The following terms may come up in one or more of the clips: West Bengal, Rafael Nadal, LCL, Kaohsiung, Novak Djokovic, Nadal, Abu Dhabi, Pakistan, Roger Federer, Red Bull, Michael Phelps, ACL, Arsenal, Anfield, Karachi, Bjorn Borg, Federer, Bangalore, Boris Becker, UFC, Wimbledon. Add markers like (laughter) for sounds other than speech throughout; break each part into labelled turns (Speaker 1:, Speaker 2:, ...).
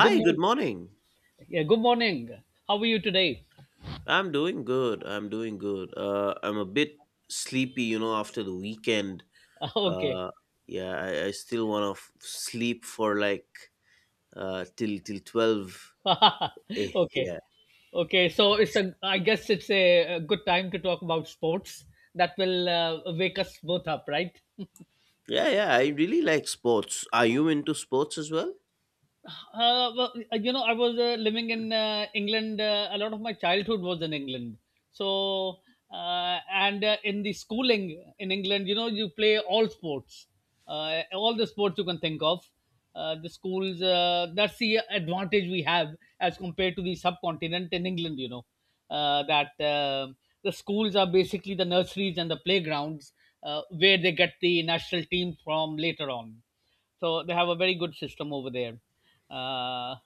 Speaker 1: Good
Speaker 2: good
Speaker 1: morning.
Speaker 2: morning.
Speaker 1: Yeah, good morning. How are you today?
Speaker 2: I'm doing good. I'm doing good. I'm a bit sleepy, after the weekend.
Speaker 1: (laughs) Okay.
Speaker 2: Uh, yeah, I still want to sleep for like till 12.
Speaker 1: (laughs) Okay.
Speaker 2: Yeah,
Speaker 1: Okay. So it's a. I guess it's a good time to talk about sports that will wake us both up, right?
Speaker 2: yeah, yeah. I really like sports. Are you into sports as well?
Speaker 1: You know, I was living in England. A lot of my childhood was in England. So, and In the schooling in England, you know, you play all sports, all the sports you can think of. The schools, that's the advantage we have as compared to the subcontinent in England, you know, that the schools are basically the nurseries and the playgrounds where they get the national team from later on, so they have a very good system over there. Uh,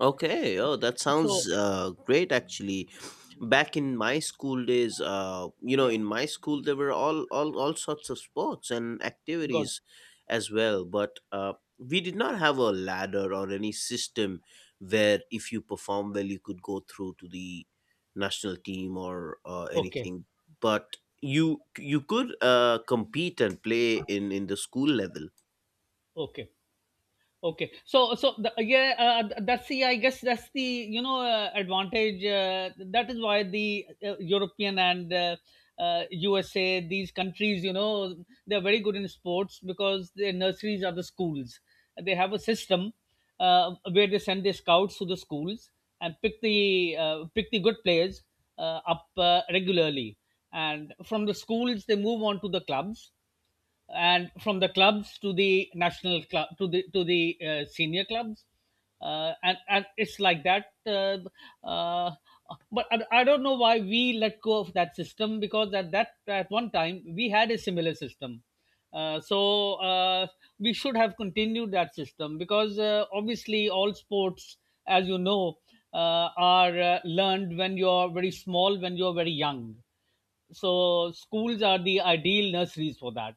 Speaker 2: Okay. Oh, that
Speaker 1: so,
Speaker 2: sounds great, actually. Back in my school days,
Speaker 1: yeah,
Speaker 2: in my school there were all sorts of sports and
Speaker 1: good.
Speaker 2: activities as well, but we did not have a ladder or any system where if you perform well you could go through to the national team or
Speaker 1: Okay,
Speaker 2: anything. But you could compete and play in the school level.
Speaker 1: okay. Okay, so so the, yeah, that's the, I guess that's the, you know, advantage. That is why the European and USA, these countries, you know, they're very good in sports because their nurseries are the schools. They have a system where they send their scouts to the schools and pick the good players up regularly, and from the schools they move on to the clubs, and from the clubs to the national club, to the senior clubs, and it's like that. Uh, uh, but I, I don't know why we let go of that system, because at that at one time we had a similar system, so we should have continued that system, because obviously all sports, as you know, are learned when you're very small, when you're very young, so schools are the ideal nurseries for that.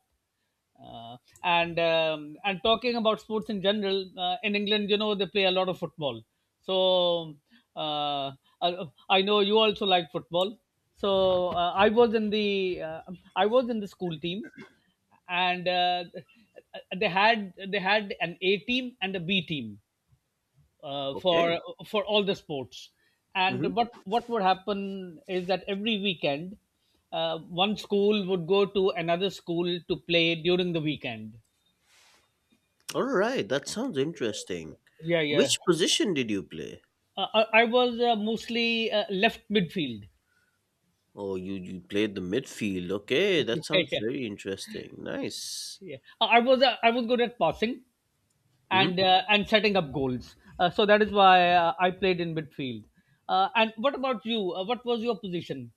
Speaker 1: Uh, and um, and talking about sports in general, in England, you know, they play a lot of football. So uh, I, I know you also like football, so I was in the school team, and they had an A team and a B team uh,
Speaker 2: Okay.
Speaker 1: for for all the sports.
Speaker 2: Mm-hmm.
Speaker 1: And what would happen is that every weekend, one school would go to another school to play during the weekend.
Speaker 2: All right, that sounds interesting.
Speaker 1: Yeah, yeah.
Speaker 2: Which position did you play?
Speaker 1: I was mostly left midfield.
Speaker 2: Oh, you played the midfield. Okay,
Speaker 1: (laughs) Yeah,
Speaker 2: that sounds
Speaker 1: yeah,
Speaker 2: very interesting. Nice.
Speaker 1: yeah. I was good at passing
Speaker 2: Hmm.
Speaker 1: and setting up goals. So that is why I played in midfield. And what about you? What was your position?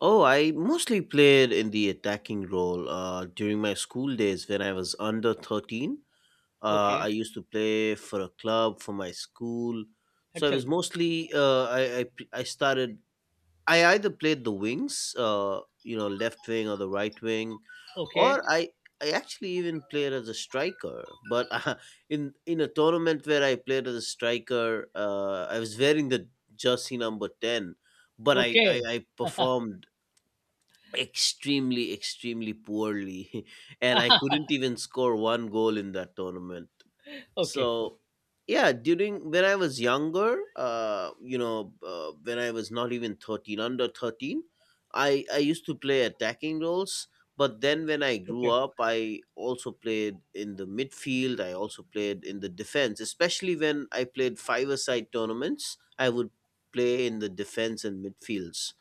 Speaker 2: Oh, I mostly played in the attacking role. During my school days, when I was under 13,
Speaker 1: Okay,
Speaker 2: I used to play for a club for my school. So I was
Speaker 1: excellent.
Speaker 2: mostly I p- I started I either played the wings, left wing or the right wing,
Speaker 1: Okay,
Speaker 2: or I actually even played as a striker. But (laughs) in a tournament where I played as a striker, I was wearing the jersey number 10, but I I,
Speaker 1: okay,
Speaker 2: I performed extremely extremely poorly, (laughs) and I couldn't even score one goal in that tournament.
Speaker 1: okay, okay,
Speaker 2: So yeah, during when I was younger, when I was not even 13, under 13, I used to play attacking roles. But then when I grew
Speaker 1: okay.
Speaker 2: up, I also played in the midfield, I also played in the defense. Especially when I played five a side tournaments, I would play in the defense and midfields,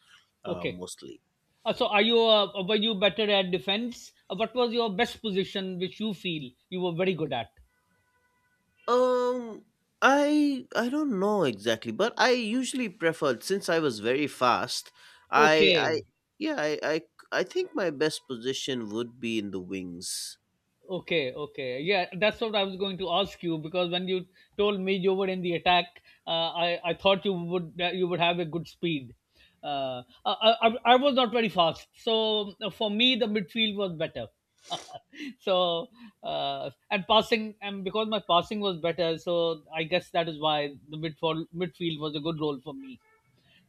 Speaker 1: Okay.
Speaker 2: mostly.
Speaker 1: So, are you were you better at defense? What was your best position, which you feel you were very good at?
Speaker 2: Um, I don't know exactly, but I usually preferred, since I was very fast.
Speaker 1: Okay.
Speaker 2: I Yeah, I think my best position would be in the wings.
Speaker 1: Okay, okay. Yeah, that's what I was going to ask you, because when you told me you were in the attack, I thought you would, that you would have a good speed. Uh, I, I was not very fast, so for me the midfield was better. (laughs) so and passing, and because my passing was better, so I guess that is why the midfield was a good role for me.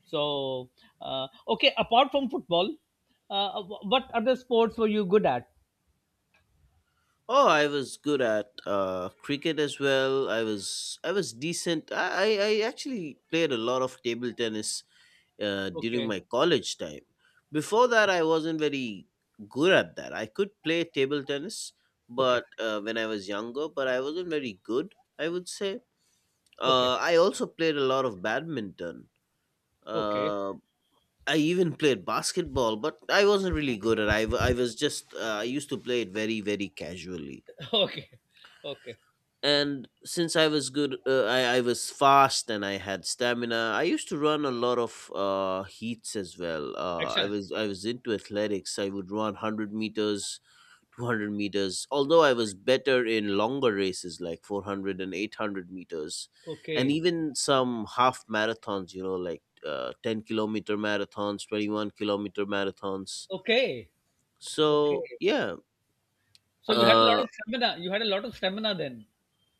Speaker 1: So okay, apart from football, what other sports were you good at?
Speaker 2: Oh, I was good at cricket as well. I was decent. I actually played a lot of table tennis during
Speaker 1: Okay,
Speaker 2: my college time. Before that, I wasn't very good at that. I could play table tennis,
Speaker 1: okay.
Speaker 2: but when I was younger, but I wasn't very good, I would say.
Speaker 1: Okay.
Speaker 2: I also played a lot of badminton.
Speaker 1: Okay. (laughs)
Speaker 2: Uh, I even played basketball, but I wasn't really good at it. I was just I used to play it very, very casually.
Speaker 1: Okay. Okay.
Speaker 2: And since I was good, I was fast and I had stamina, I used to run a lot of heats as well. I
Speaker 1: Excellent.
Speaker 2: was i was into athletics. I would run 100 meters, 200 meters, although I was better in longer races like 400 and 800 meters, and
Speaker 1: Okay.
Speaker 2: even some half marathons, like 10-kilometer marathons, 21-kilometer marathons,
Speaker 1: Okay. Okay.
Speaker 2: so yeah.
Speaker 1: So you had a lot
Speaker 2: uh,
Speaker 1: of stamina. You had a lot of stamina then.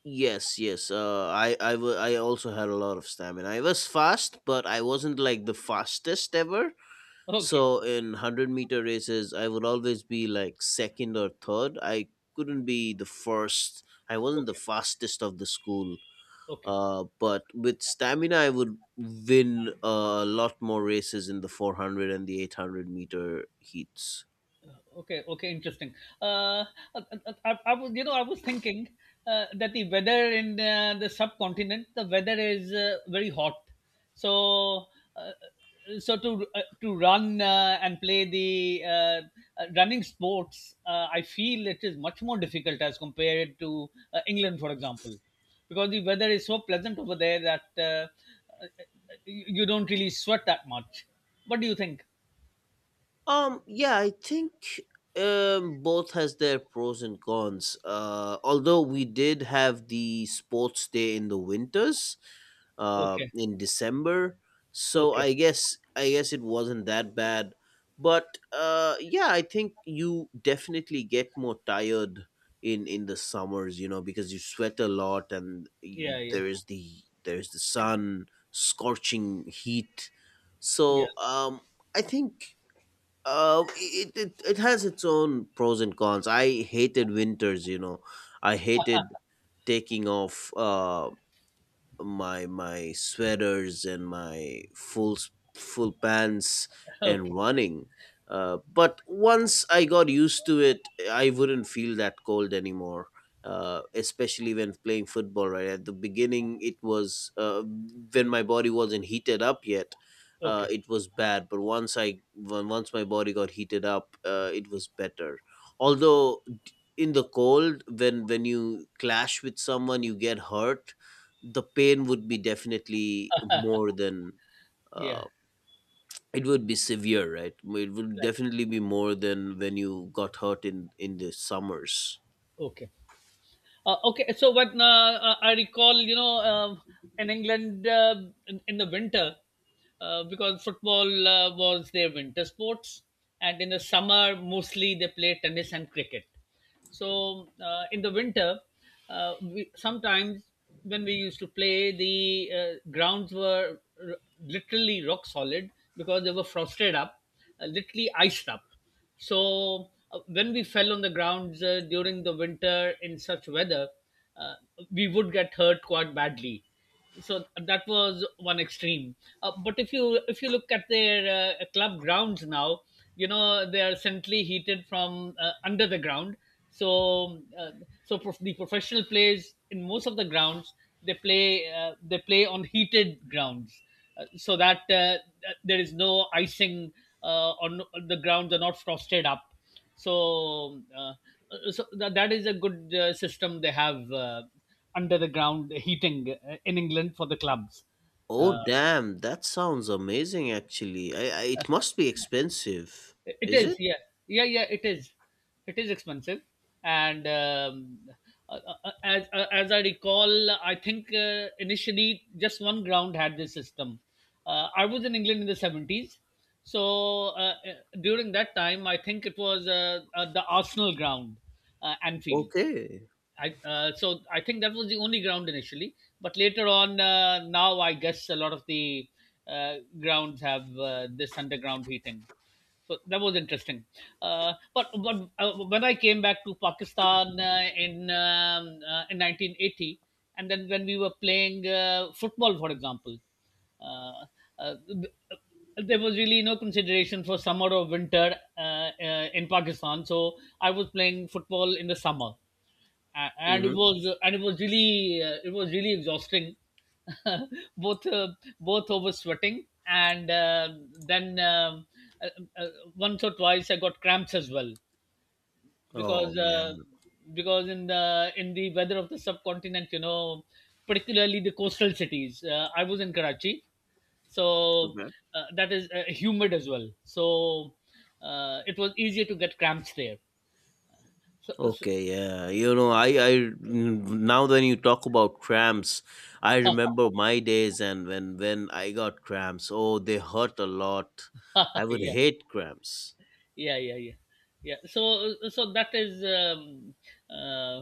Speaker 2: Yes, yes. I also had a lot of stamina. I was fast, but I wasn't like the fastest ever.
Speaker 1: Okay.
Speaker 2: So in 100 meter races, I would always be like second or third. I couldn't be the first. I wasn't the
Speaker 1: Okay.
Speaker 2: fastest of the school.
Speaker 1: Okay.
Speaker 2: But with stamina, I would win a lot more races in the 400 and the 800 meter heats.
Speaker 1: Okay, okay, interesting. Uh, I, I was, you know, I was thinking that the weather in the subcontinent, the weather is very hot. So, uh, so, to run and play the running sports, I feel it is much more difficult as compared to England, for example, because the weather is so pleasant over there that you don't really sweat that much. What do you think?
Speaker 2: Yeah, I think both has their pros and cons. Although we did have the sports day in the winters,
Speaker 1: Okay,
Speaker 2: in December, so
Speaker 1: okay,
Speaker 2: I guess it wasn't that bad. But yeah, I think you definitely get more tired in the summers, because you sweat a lot, and y
Speaker 1: yeah, yeah.
Speaker 2: there is the sun, scorching heat.
Speaker 1: Yeah.
Speaker 2: So I think it has its own pros and cons. I hated winters. I hated taking off my sweaters and my full pants
Speaker 1: (laughs)
Speaker 2: and
Speaker 1: Okay.
Speaker 2: running. But once I got used to it, I wouldn't feel that cold anymore. Especially when playing football, right at the beginning, it was when my body wasn't heated up yet.
Speaker 1: Okay.
Speaker 2: It was bad, but once once my body got heated up, it was better. Although in the cold, when you clash with someone, you get hurt. The pain would be definitely more than
Speaker 1: Yeah.
Speaker 2: uh, it would be severe, right? It would
Speaker 1: Right.
Speaker 2: definitely be more than when you got hurt in the summers.
Speaker 1: Okay. Okay. So what, I recall, you know, in England, in the winter, because football was their winter sports, and in the summer mostly they play tennis and cricket. So in the winter, we, sometimes when we used to play, the literally rock solid because they were frosted up, literally iced up. So when we fell on the grounds during the winter in such weather, uh, we would get hurt quite badly. So that was one extreme. But if you look at their club grounds now, you know, they are centrally heated from under the ground. So uh, so the professional players in most of the grounds, they play on heated grounds, so that there is no icing on the grounds, are not frosted up. So, uh, so that is a good system they have, under the ground heating in England for the clubs.
Speaker 2: Oh
Speaker 1: Uh,
Speaker 2: damn, that sounds amazing, actually. I, I it must be expensive.
Speaker 1: It
Speaker 2: Is
Speaker 1: is,
Speaker 2: it?
Speaker 1: yeah, yeah, yeah. It is expensive, and as I recall, I think initially just one ground had this system. I was in England in the 70s, so during that time, I think it was the Arsenal ground, Anfield.
Speaker 2: Okay.
Speaker 1: I so I think that was the only ground initially, but later on, now I guess a lot of the grounds have this underground heating. So that was interesting. But when I came back to Pakistan in 1980, and then when we were playing football, for example, uh, uh, th- there was really no consideration for summer or winter in Pakistan. So I was playing football in the summer, a- and it
Speaker 2: Mm-hmm.
Speaker 1: was and it was really exhausting, (laughs) both uh, both over sweating and then uh, uh, once or twice I got cramps as well,
Speaker 2: Oh,
Speaker 1: because
Speaker 2: yeah.
Speaker 1: uh, because in the weather of the subcontinent, you know, particularly the coastal cities, I was in Karachi, so that is humid as well, so it was easier to get cramps there, so.
Speaker 2: Okay, yeah. You know, now when you talk about cramps, I remember my days, and when I got cramps, oh, they hurt a lot. I
Speaker 1: (laughs)
Speaker 2: would
Speaker 1: Yeah,
Speaker 2: hate cramps.
Speaker 1: yeah, yeah, yeah, yeah. So that is, uh,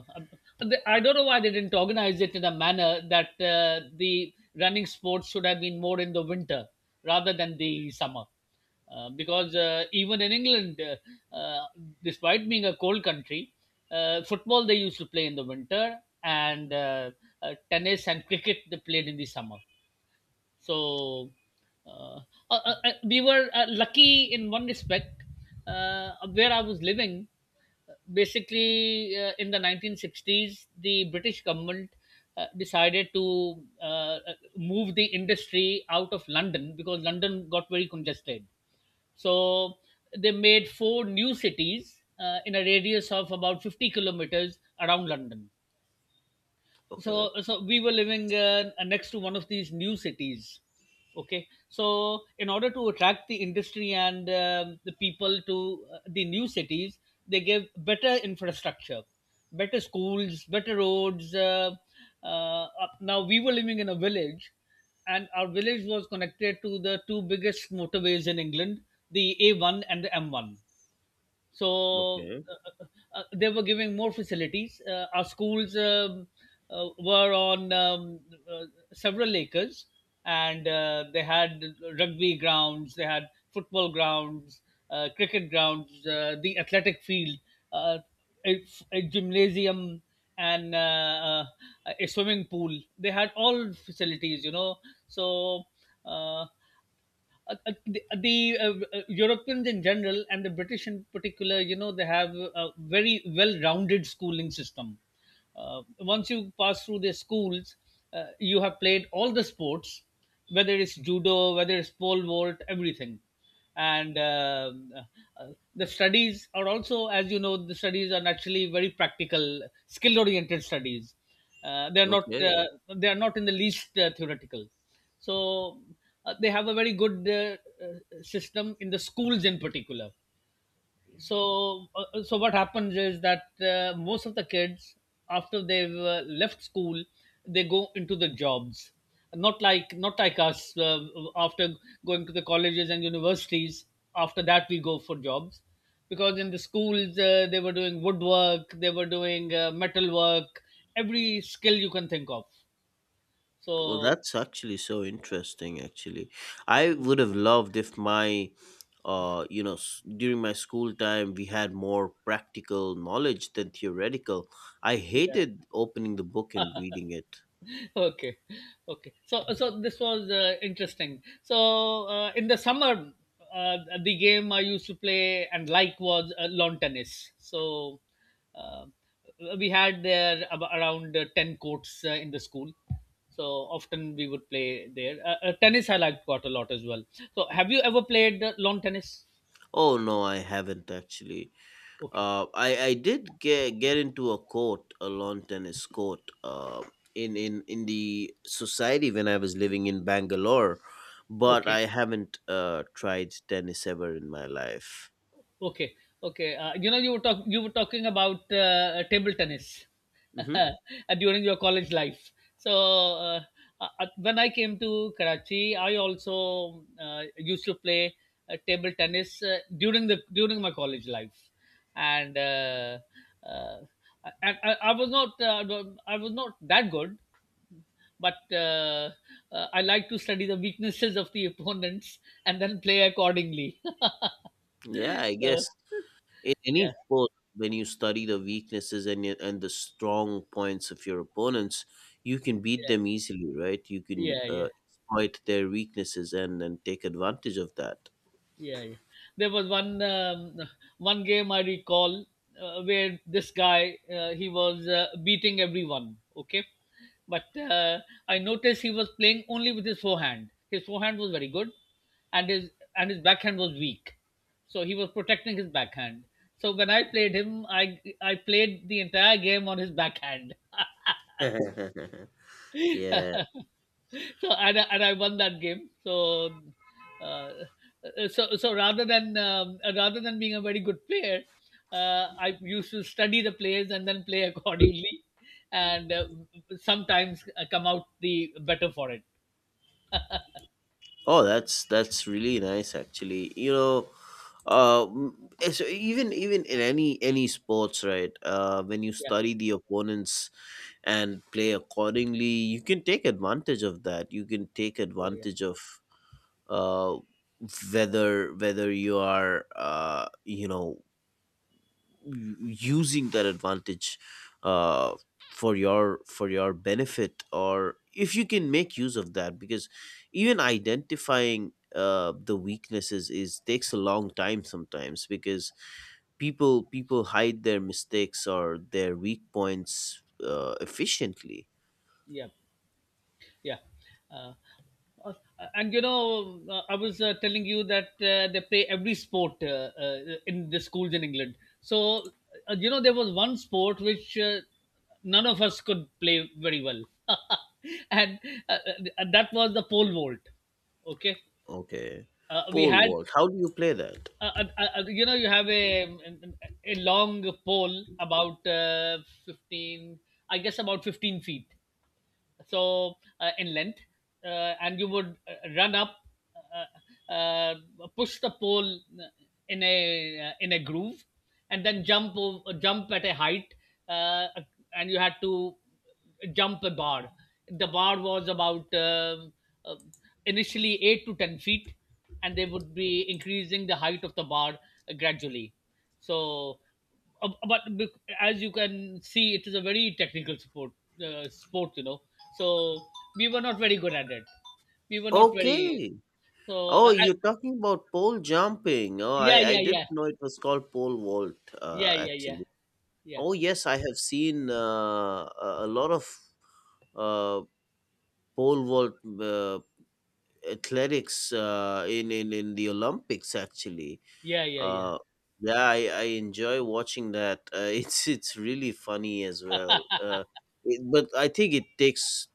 Speaker 1: I don't know why they didn't organize it in a manner that the running sports should have been more in the winter rather than the summer, because even in England, despite being a cold country, football they used to play in the winter, and tennis and cricket they played in the summer. So uh, we were lucky in one respect, where I was living. Basically, in the 1960s, the British government decided to move the industry out of London because London got very congested. So they made four new cities in a radius of about 50 kilometers around London,
Speaker 2: Okay,
Speaker 1: so we were living next to one of these new cities. Okay, so in order to attract the industry and the people to the new cities, they gave better infrastructure, better schools, better roads. Now we were living in a village, and our village was connected to the two biggest motorways in England, the A1 and the M1. so
Speaker 2: okay,
Speaker 1: uh, uh, uh, they were giving more facilities. Our schools, were on uh, several acres, and they had rugby grounds, they had football grounds, cricket grounds, the athletic field, uh, a, a gymnasium, and a swimming pool. They had all facilities, you know. So. Uh, the Europeans in general and the British in particular, you know, they have a very well-rounded schooling system. Once you pass through their schools, you have played all the sports, whether it's judo, whether it's pole vault, everything, and uh, the studies are also, as you know, the studies are naturally very practical skill oriented studies. They are not
Speaker 2: okay.
Speaker 1: they are not in the least theoretical. So they have a very good uh, system in the schools in particular. So so what happens is that most of the kids, after they've left school, they go into the jobs, not like us. After going to the colleges and universities, after that we go for jobs, because in the schools they were doing woodwork, they were doing metal work, every skill you can think of.
Speaker 2: Well,
Speaker 1: So
Speaker 2: that's actually so interesting, actually. I would have loved if my, you know, s- during my school time, we had more practical knowledge than theoretical. I
Speaker 1: yeah.
Speaker 2: hated opening the book and reading it.
Speaker 1: Okay. Okay. So this was interesting. So in the summer, uh, the game I used to play and like was lawn tennis. So uh, we had there around 10 courts in the school. So often we would play there tennis. I liked quite a lot as well. So have you ever played lawn tennis?
Speaker 2: Oh, no, I haven't, actually.
Speaker 1: Okay.
Speaker 2: I did get into a court, a lawn tennis court, in the society when I was living in Bangalore, but
Speaker 1: Okay.
Speaker 2: I haven't tried tennis ever in my life.
Speaker 1: Okay, okay. You know, you were talking about table tennis (laughs)
Speaker 2: Hmm.
Speaker 1: uh, during your college life. So when I came to Karachi, I also used to play table tennis during my college life, and uh, I was not I was not that good, but I like to study the weaknesses of the (laughs) opponents, and then play accordingly.
Speaker 2: Yeah,
Speaker 1: (laughs)
Speaker 2: I
Speaker 1: So,
Speaker 2: guess in any
Speaker 1: yeah,
Speaker 2: sport, when you study the weaknesses and and the strong points of your opponents, you can beat them
Speaker 1: yeah.
Speaker 2: easily, right? You can
Speaker 1: Yeah, yeah.
Speaker 2: exploit their weaknesses and take advantage of that.
Speaker 1: Yeah, yeah. There was one game I recall, where this guy, he was beating everyone. Okay, but I noticed he was playing only with his forehand. His forehand was very good, and his backhand was weak. So he was protecting his backhand. So when I played him, I played the entire game on his backhand.
Speaker 2: (laughs)
Speaker 1: (laughs)
Speaker 2: Yeah.
Speaker 1: So, and I won that game. So uh, rather than rather than being a very good player, I used to study the players and then play (laughs) accordingly, and sometimes come out the better for it.
Speaker 2: Oh, that's really nice, actually. You know, uh, m- so even in any sports, right? When you
Speaker 1: Yeah,
Speaker 2: study the opponents and play accordingly, you can take advantage of that. You can take
Speaker 1: yeah, yeah,
Speaker 2: advantage of uh whether you are using that advantage, uh, for your benefit, or if you can make use of that, because even identifying the weaknesses is takes a long time sometimes, because people hide their mistakes or their weak points efficiently.
Speaker 1: yeah. Yeah. Uh, uh, and you know, I was telling you that they play every sport in the schools in England. So, you know, there was one sport which none of us could play very well. (laughs) and uh, that was the pole vault. Okay.
Speaker 2: Okay.
Speaker 1: We
Speaker 2: Pole
Speaker 1: had,
Speaker 2: vault, how do you play that?
Speaker 1: you know, you have a long pole about 15, I guess about 15 feet in length, and you would run up, uh, uh, push the pole in a groove, and then jump over, jump at a height, uh, and you had to jump a bar. The bar was about uh, initially 8 to 10 feet, and they would be increasing the height of the bar gradually. So but as you can see, it is a very technical sport. Sport, you know. So we were not very good at it. We were not very.
Speaker 2: Okay.
Speaker 1: So
Speaker 2: Oh, you're talking about pole jumping. Oh,
Speaker 1: yeah,
Speaker 2: I
Speaker 1: yeah, yeah,
Speaker 2: didn't know it was called pole vault,
Speaker 1: yeah, yeah, yeah,
Speaker 2: actually. Oh yes, I have seen a lot of uh, pole vault athletics, in the Olympics, actually.
Speaker 1: yeah, yeah, yeah, yeah,
Speaker 2: uh, yeah, I enjoy watching that. (laughs) It's really funny as well. But I think it takes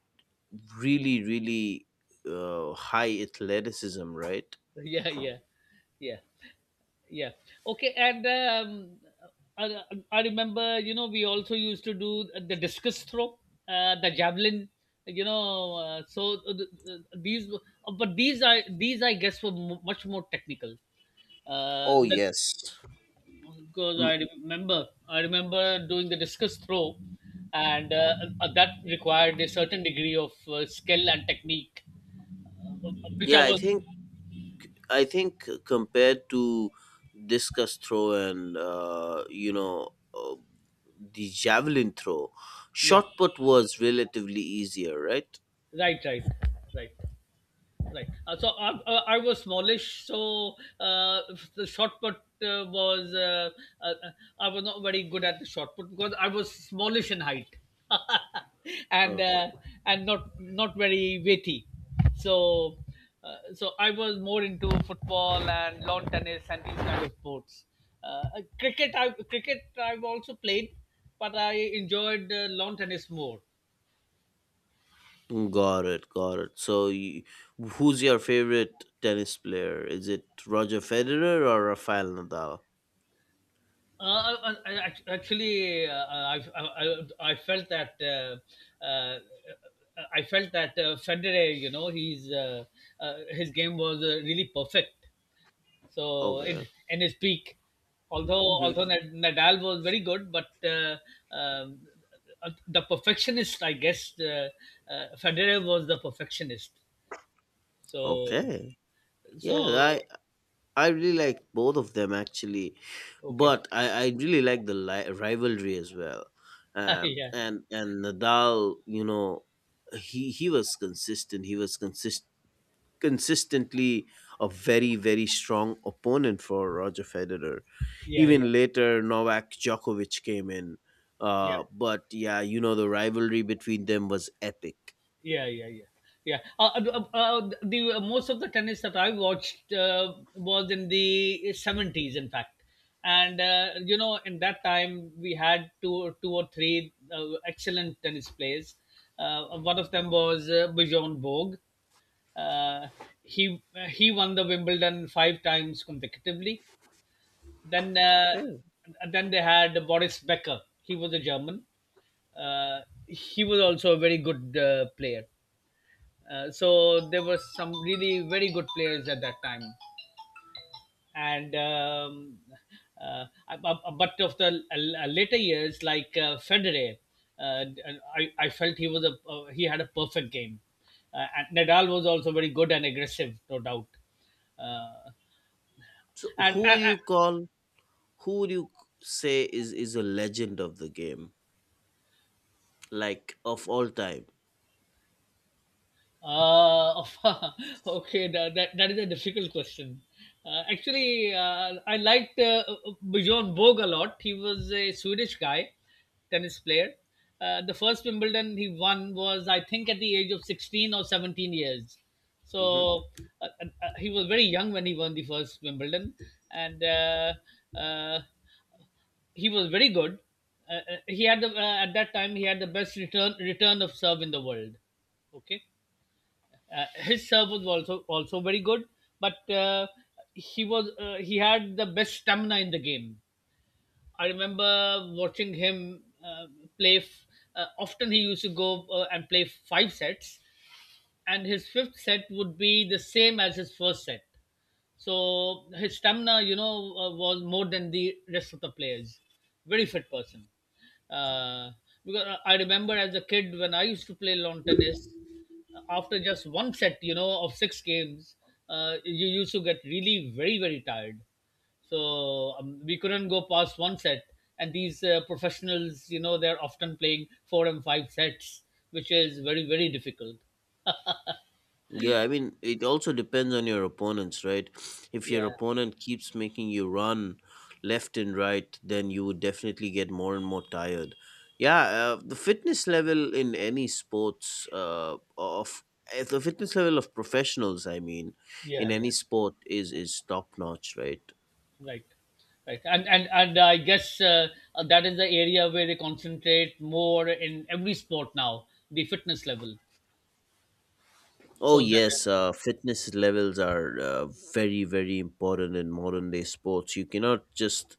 Speaker 2: really, really high athleticism, right?
Speaker 1: (laughs) yeah, yeah, yeah, yeah. Okay, and I, I remember, you know, we also used to do the discus throw, the javelin. You know, so th- th- these, were- But these I guess were much more technical.
Speaker 2: Oh
Speaker 1: That
Speaker 2: yes.
Speaker 1: Because
Speaker 2: Mm.
Speaker 1: I remember doing the discus throw, and that required a certain degree of skill and technique, uh, which I
Speaker 2: Yeah,
Speaker 1: was.
Speaker 2: I think compared to discus throw and the javelin throw.
Speaker 1: Yeah,
Speaker 2: Shot put was relatively easier, right?
Speaker 1: right, right, right. Right. So I was smallish, so uh, the shot put was uh, uh, I was not very good at the shot put because I was smallish in height (laughs) and
Speaker 2: Okay.
Speaker 1: uh, and not very weighty. So so I was more into football and lawn tennis and these kind of sports. Uh, uh, Cricket I've also played, but I enjoyed lawn tennis more.
Speaker 2: Got it, got it. So, who's your favorite tennis player? Is it Roger Federer or Rafael Nadal?
Speaker 1: Actually, I felt that Federer, you know, he's his game was really perfect. So
Speaker 2: Okay,
Speaker 1: in his peak, although
Speaker 2: hmm,
Speaker 1: Nadal was very good, but um, the perfectionist, I guess, Federer was the perfectionist. So
Speaker 2: okay. Yeah,
Speaker 1: so.
Speaker 2: I really like both of them, actually,
Speaker 1: Okay.
Speaker 2: but I really like the rivalry as well.
Speaker 1: (laughs)
Speaker 2: Um,
Speaker 1: Yeah,
Speaker 2: and and Nadal, he was consistent. He was consistently a very, very strong opponent for Roger Federer.
Speaker 1: yeah, yeah,
Speaker 2: Even later, Novak Djokovic came in.
Speaker 1: yeah.
Speaker 2: But yeah, the rivalry between them was epic.
Speaker 1: Yeah, yeah, yeah, yeah. The Most of the tennis that I watched was in the 70s, in fact, and you know, in that time we had two or three excellent tennis players. One of them was Bjorn Borg. Uh, he he won the Wimbledon five times consecutively. Then uh,
Speaker 2: Okay.
Speaker 1: then they had Boris Becker. He was a German. Uh, he was also a very good player. So there were some really very good players at that time, and but of the later years, like Federer, uh, I felt he was a he had a perfect game, and Nadal was also very good and aggressive, no doubt. Uh,
Speaker 2: So
Speaker 1: and
Speaker 2: who would you say is, a legend of the game, like of all time?
Speaker 1: Uh, (laughs) okay, that is a difficult question. Actually, I liked Bjorn Borg a lot. He was a Swedish guy, tennis player. The first Wimbledon he won was, I think, at the age of 16 or 17 years.
Speaker 2: Mm-hmm.
Speaker 1: So he was very young when he won the first Wimbledon. And uh, he was very good. Uh, uh, he had the, uh, at that time he had the best return of serve in the world. Okay, his serve was also very good, but he had the best stamina in the game. I remember watching him play. Often he used to go and play five sets, and his fifth set would be the same as his first set. So his stamina, you know, was more than the rest of the players. Very fit person. Uh, because I remember as a kid when I used to play lawn tennis, after just one set, you know, of six games, you used to get really very very tired. So we couldn't go past one set. And these professionals, you know, they're often playing four and five sets, which is very very difficult.
Speaker 2: Yeah, I mean, it also depends on your opponents, right? If your
Speaker 1: Yeah.
Speaker 2: opponent keeps making you run left and right, then you would definitely get more and more tired. Yeah, the fitness level in any sports, of, the fitness level of professionals, I mean, in
Speaker 1: Yeah, yeah,
Speaker 2: any sport is top notch, right?
Speaker 1: right, right, and I guess that is the area where they concentrate more in every sport now, the fitness level.
Speaker 2: Oh
Speaker 1: So that.
Speaker 2: yes, fitness levels are very, very important in modern day sports. You cannot just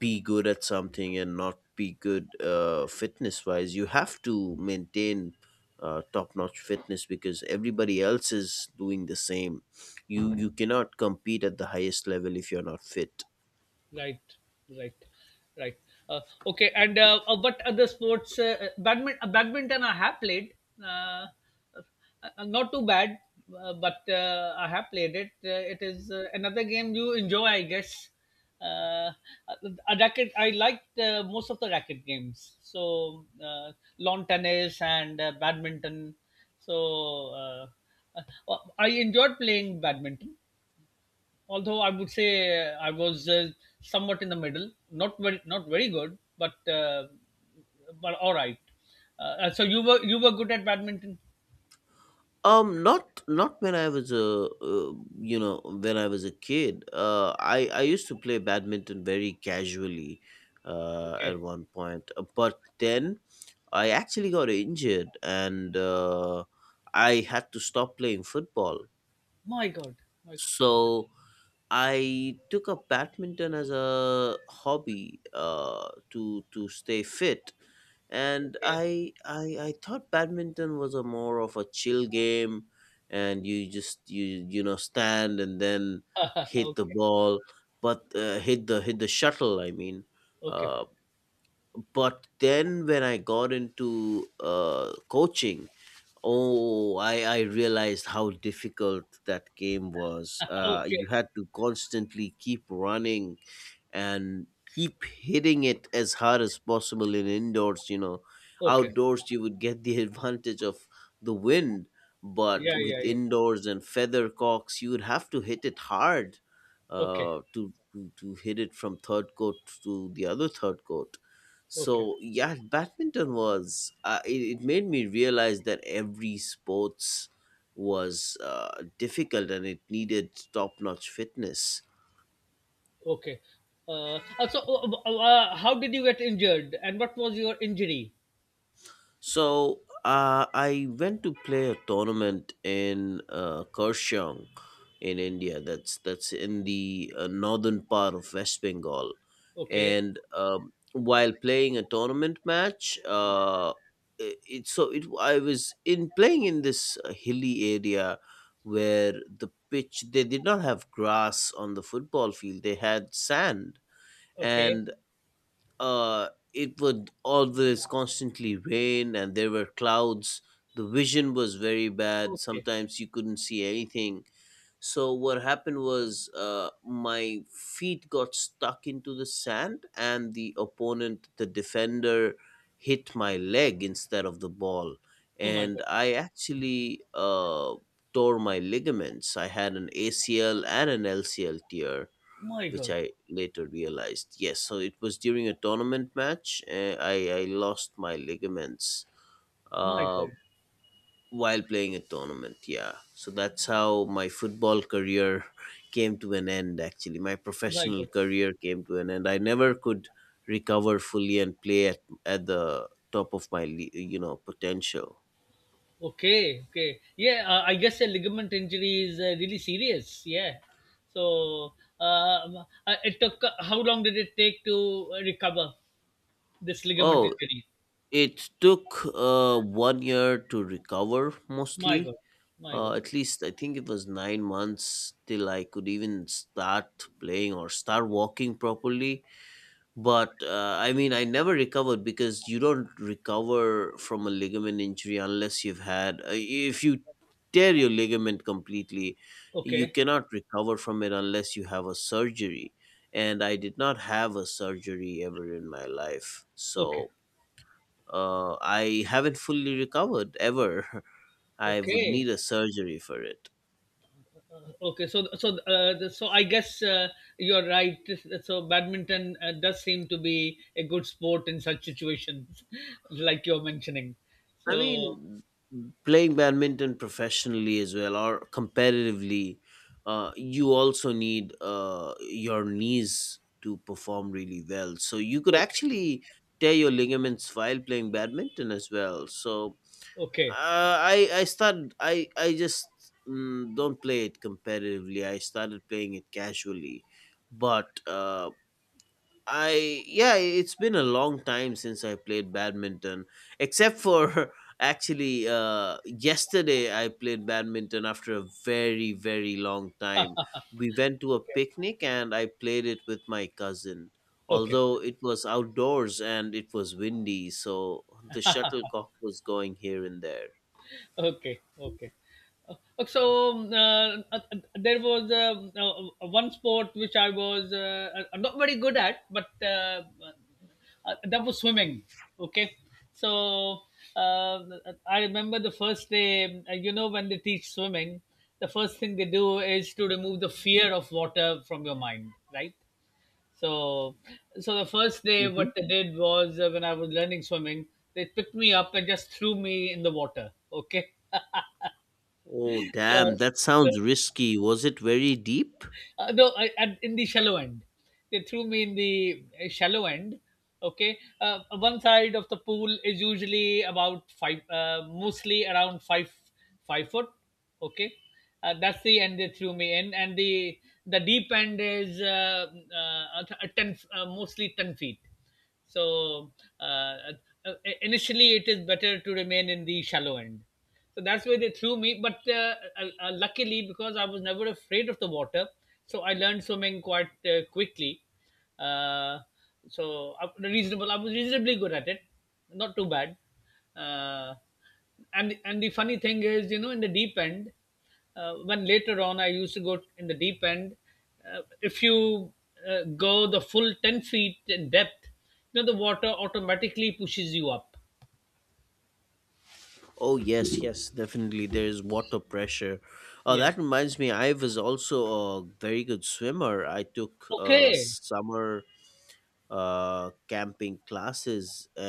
Speaker 2: be good at something and not be good, fitness wise. You have to maintain top notch fitness, because everybody else is doing the same. You cannot compete at the highest level if you're not fit.
Speaker 1: Right, right. Right. Uh, okay, and what other sports? Badminton, I have played. Uh, uh, Not too bad, but I have played it. It is another game you enjoy, I guess. Uh, a racket. I liked most of the racket games. So lawn tennis and badminton. So I enjoyed playing badminton, although I would say I was somewhat in the middle, not very good, but but all right. So you were good at badminton?
Speaker 2: Not when I was a you know when I was a kid. I used to play badminton very casually,
Speaker 1: Okay.
Speaker 2: at one point. But then I actually got injured, and I had to stop playing football.
Speaker 1: My God. My,
Speaker 2: So I took up badminton as a hobby, to stay fit, and
Speaker 1: okay.
Speaker 2: I thought badminton was a more of a chill game, and you you know stand and then
Speaker 1: (laughs)
Speaker 2: hit the
Speaker 1: Okay.
Speaker 2: ball, but hit the shuttle. I mean,
Speaker 1: Okay.
Speaker 2: uh, but then when I got into coaching, oh, I realized how difficult that game was.
Speaker 1: (laughs)
Speaker 2: You
Speaker 1: Okay.
Speaker 2: had to constantly keep running and keep hitting it as hard as possible in indoors.
Speaker 1: Okay.
Speaker 2: Outdoors you would get the (laughs) advantage of the wind, but
Speaker 1: Yeah. Yeah.
Speaker 2: with
Speaker 1: Yeah.
Speaker 2: indoors and feather cocks you would have to hit it hard
Speaker 1: Okay.
Speaker 2: to hit it from third court to the other third court.
Speaker 1: Okay.
Speaker 2: So yeah, badminton was, it, it made me realize that every sports was difficult and it needed top-notch fitness.
Speaker 1: Okay. So, how did you get injured, and what was your injury?
Speaker 2: So I went to play a tournament in Kaohsiung in India. That's in the northern part of West Bengal,
Speaker 1: Okay.
Speaker 2: and while playing a tournament match, it, it so it I was in playing in this hilly area where the pitch, they did not have grass on the football field. They had sand.
Speaker 1: Okay.
Speaker 2: And it would always constantly rain, and there were clouds. The vision was very bad.
Speaker 1: Okay.
Speaker 2: Sometimes you couldn't see anything. So what happened was, my feet got stuck into the sand, and the opponent, the defender, hit my leg instead of the ball,
Speaker 1: Oh my
Speaker 2: and
Speaker 1: God.
Speaker 2: I actually tore my ligaments. I had an ACL and an LCL tear,
Speaker 1: My
Speaker 2: which
Speaker 1: God.
Speaker 2: I later realized. Yes, so it was during a tournament match. I lost my ligaments
Speaker 1: My
Speaker 2: uh,
Speaker 1: God.
Speaker 2: while playing a tournament. Yeah, so that's how my football career (laughs) came to an end, actually. My
Speaker 1: My
Speaker 2: professional
Speaker 1: God.
Speaker 2: career came to an end. I never could recover fully and play at the top of my potential.
Speaker 1: Okay, okay. Yeah, I guess a ligament injury is really serious. Yeah. So, um, it took how long did it take to recover this ligament
Speaker 2: Oh,
Speaker 1: injury?
Speaker 2: it took 1 year to recover
Speaker 1: My
Speaker 2: mostly.
Speaker 1: God, my God.
Speaker 2: At least I think it was 9 months till I could even start playing or start walking properly. But I mean, I never recovered because you don't recover from a ligament injury unless you've had, if you tear your ligament completely, you
Speaker 1: Okay,
Speaker 2: cannot recover from it unless you have a surgery. And I did not have a surgery ever in my life.
Speaker 1: okay,
Speaker 2: So I haven't fully recovered ever. (laughs) I would
Speaker 1: okay,
Speaker 2: need a surgery for it.
Speaker 1: okay. So I guess you're right. So, badminton does seem to be a good sport in such situations, (laughs) like you're mentioning.
Speaker 2: I
Speaker 1: So,
Speaker 2: mean, playing badminton professionally as well or competitively, you also need your knees to perform really well. So you could
Speaker 1: okay,
Speaker 2: actually tear your ligaments while playing badminton as well. So
Speaker 1: okay,
Speaker 2: I started I just don't play it competitively. I started playing it casually, but. I, yeah, it's been a long time since I played badminton, except for (laughs) actually yesterday I played badminton after a very very long time. We went to a
Speaker 1: okay,
Speaker 2: picnic and I played it with my cousin.
Speaker 1: okay.
Speaker 2: Although it was outdoors and it was windy, so the shuttlecock was going here and there.
Speaker 1: Okay, okay. Uh, there was one sport which I was not very good at, but that was swimming. Okay. So uh, I remember the first day, you know, when they teach swimming, the first thing they do is to remove the fear of water from your mind, right? so, the first day,
Speaker 2: Hmm.
Speaker 1: what they did was, when I was learning swimming, they picked me up and just threw me in the water. Okay. (laughs)
Speaker 2: Oh damn,
Speaker 1: so,
Speaker 2: that
Speaker 1: so
Speaker 2: sounds risky. Was it very deep?
Speaker 1: no, in the shallow end, they threw me in the shallow end. Okay, one side of the pool is usually about five, mostly around five foot. Okay, that's the end they threw me in, and the deep end is uh, a- ten, mostly 10 feet. So uh, uh, uh, initially, it is better to remain in the shallow end. So that's where they threw me. But luckily, because I was never afraid of the water, so I learned swimming quite quickly. Uh, so I was reasonably good at it, not too bad. Uh, and the funny thing is, you know, in the deep end when later on I used to go in the deep end. If you go the full 10 feet in depth, you know, the water automatically pushes you up.
Speaker 2: Oh yes, yes, definitely. There is water pressure.
Speaker 1: Yeah.
Speaker 2: That reminds me, I was also a very good swimmer. I took
Speaker 1: Okay.
Speaker 2: summer camping classes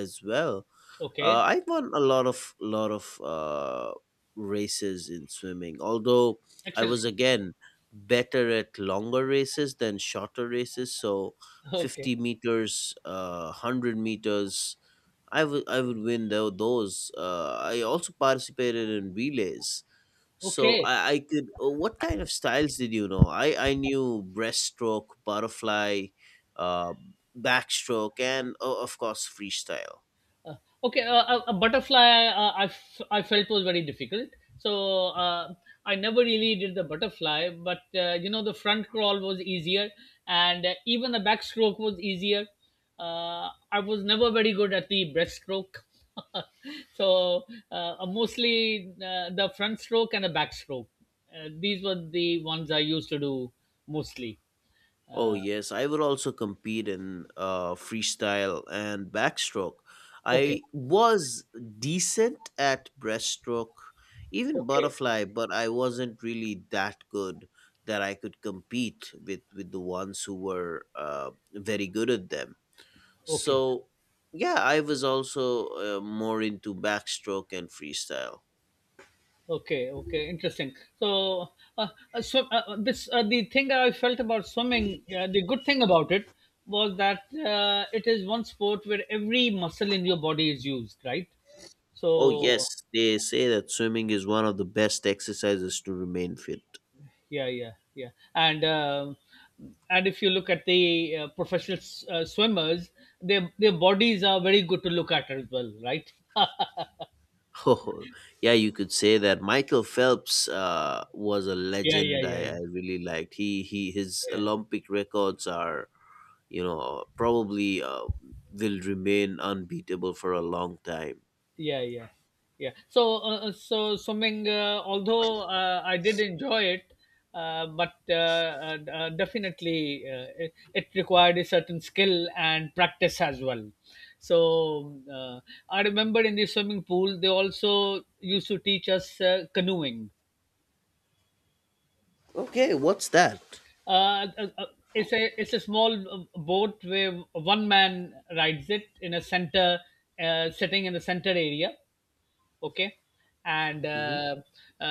Speaker 2: as well.
Speaker 1: Okay.
Speaker 2: I won a lot of races in swimming. Although I
Speaker 1: Excellent.
Speaker 2: was
Speaker 1: (laughs)
Speaker 2: again better at longer races than shorter races. So
Speaker 1: Okay.
Speaker 2: 50 meters, 100 meters. I would win those. I also participated in relays, so
Speaker 1: Okay.
Speaker 2: I could. Uh, what kind of styles did you know? I knew breaststroke, butterfly, uh, backstroke, and of course freestyle.
Speaker 1: Uh, okay, a butterfly, I felt, was very difficult. So I never really did the butterfly, but you know, the front crawl was easier, and even the backstroke was easier. I was never very good at the breaststroke. (laughs) So mostly the front stroke and the backstroke. These were the ones I used to do mostly.
Speaker 2: Oh
Speaker 1: Uh,
Speaker 2: yes, I would also compete in freestyle and backstroke.
Speaker 1: okay,
Speaker 2: I was decent at breaststroke, even
Speaker 1: okay,
Speaker 2: butterfly, but I wasn't really that good that I could compete with the ones who were very good at them.
Speaker 1: okay.
Speaker 2: So yeah, I was also more into backstroke and freestyle.
Speaker 1: Okay, okay, interesting. So, uh, so this the thing I felt about swimming. The good thing about it was that it is one sport where every muscle in your body is used, right?
Speaker 2: Oh
Speaker 1: So,
Speaker 2: yes, they say that swimming is one of the best exercises to remain fit.
Speaker 1: yeah, yeah, yeah. And um and if you look at the professional swimmers, their bodies are very good to look at as well, right?
Speaker 2: (laughs) Oh, yeah, you could say that Michael Phelps was a
Speaker 1: Yeah, yeah,
Speaker 2: legend.
Speaker 1: yeah,
Speaker 2: I
Speaker 1: yeah,
Speaker 2: really liked he his
Speaker 1: yeah.
Speaker 2: Olympic records are, you know, probably will remain unbeatable for a long time.
Speaker 1: Yeah, yeah, yeah. So swimming, although I did enjoy it, but definitely it required a certain skill and practice as well. So I remember in the swimming pool they also used to teach us canoeing.
Speaker 2: Okay, what's that?
Speaker 1: uh, uh, uh, it's a small boat where one man rides it in a center, sitting in the center area. Okay, and
Speaker 2: Hmm.
Speaker 1: uh,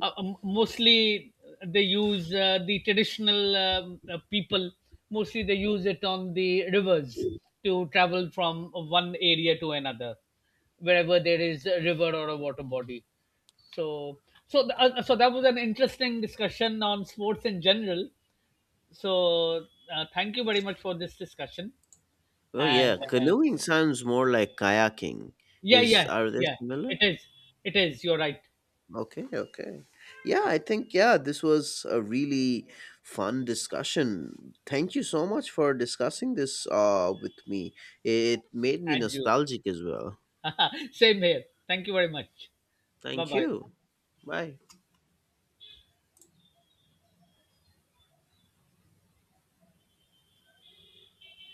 Speaker 1: mostly they use the traditional people mostly they use it on the rivers to travel from one area to another, wherever there is a river or a water body. So. So that was an interesting discussion on sports in general. So thank you very much for this discussion.
Speaker 2: Oh
Speaker 1: And
Speaker 2: yeah,
Speaker 1: uh,
Speaker 2: canoeing sounds more like kayaking.
Speaker 1: yeah,
Speaker 2: Is
Speaker 1: yeah,
Speaker 2: are they
Speaker 1: yeah.
Speaker 2: similar?
Speaker 1: It is. It is. You're right.
Speaker 2: Okay, okay. Yeah, I think, yeah, this was a really fun discussion. Thank you so much for discussing this with me. It made me
Speaker 1: And you.
Speaker 2: nostalgic as well.
Speaker 1: (laughs) Same here. Thank you very much. Bye
Speaker 2: Thank
Speaker 1: bye.
Speaker 2: you. Bye.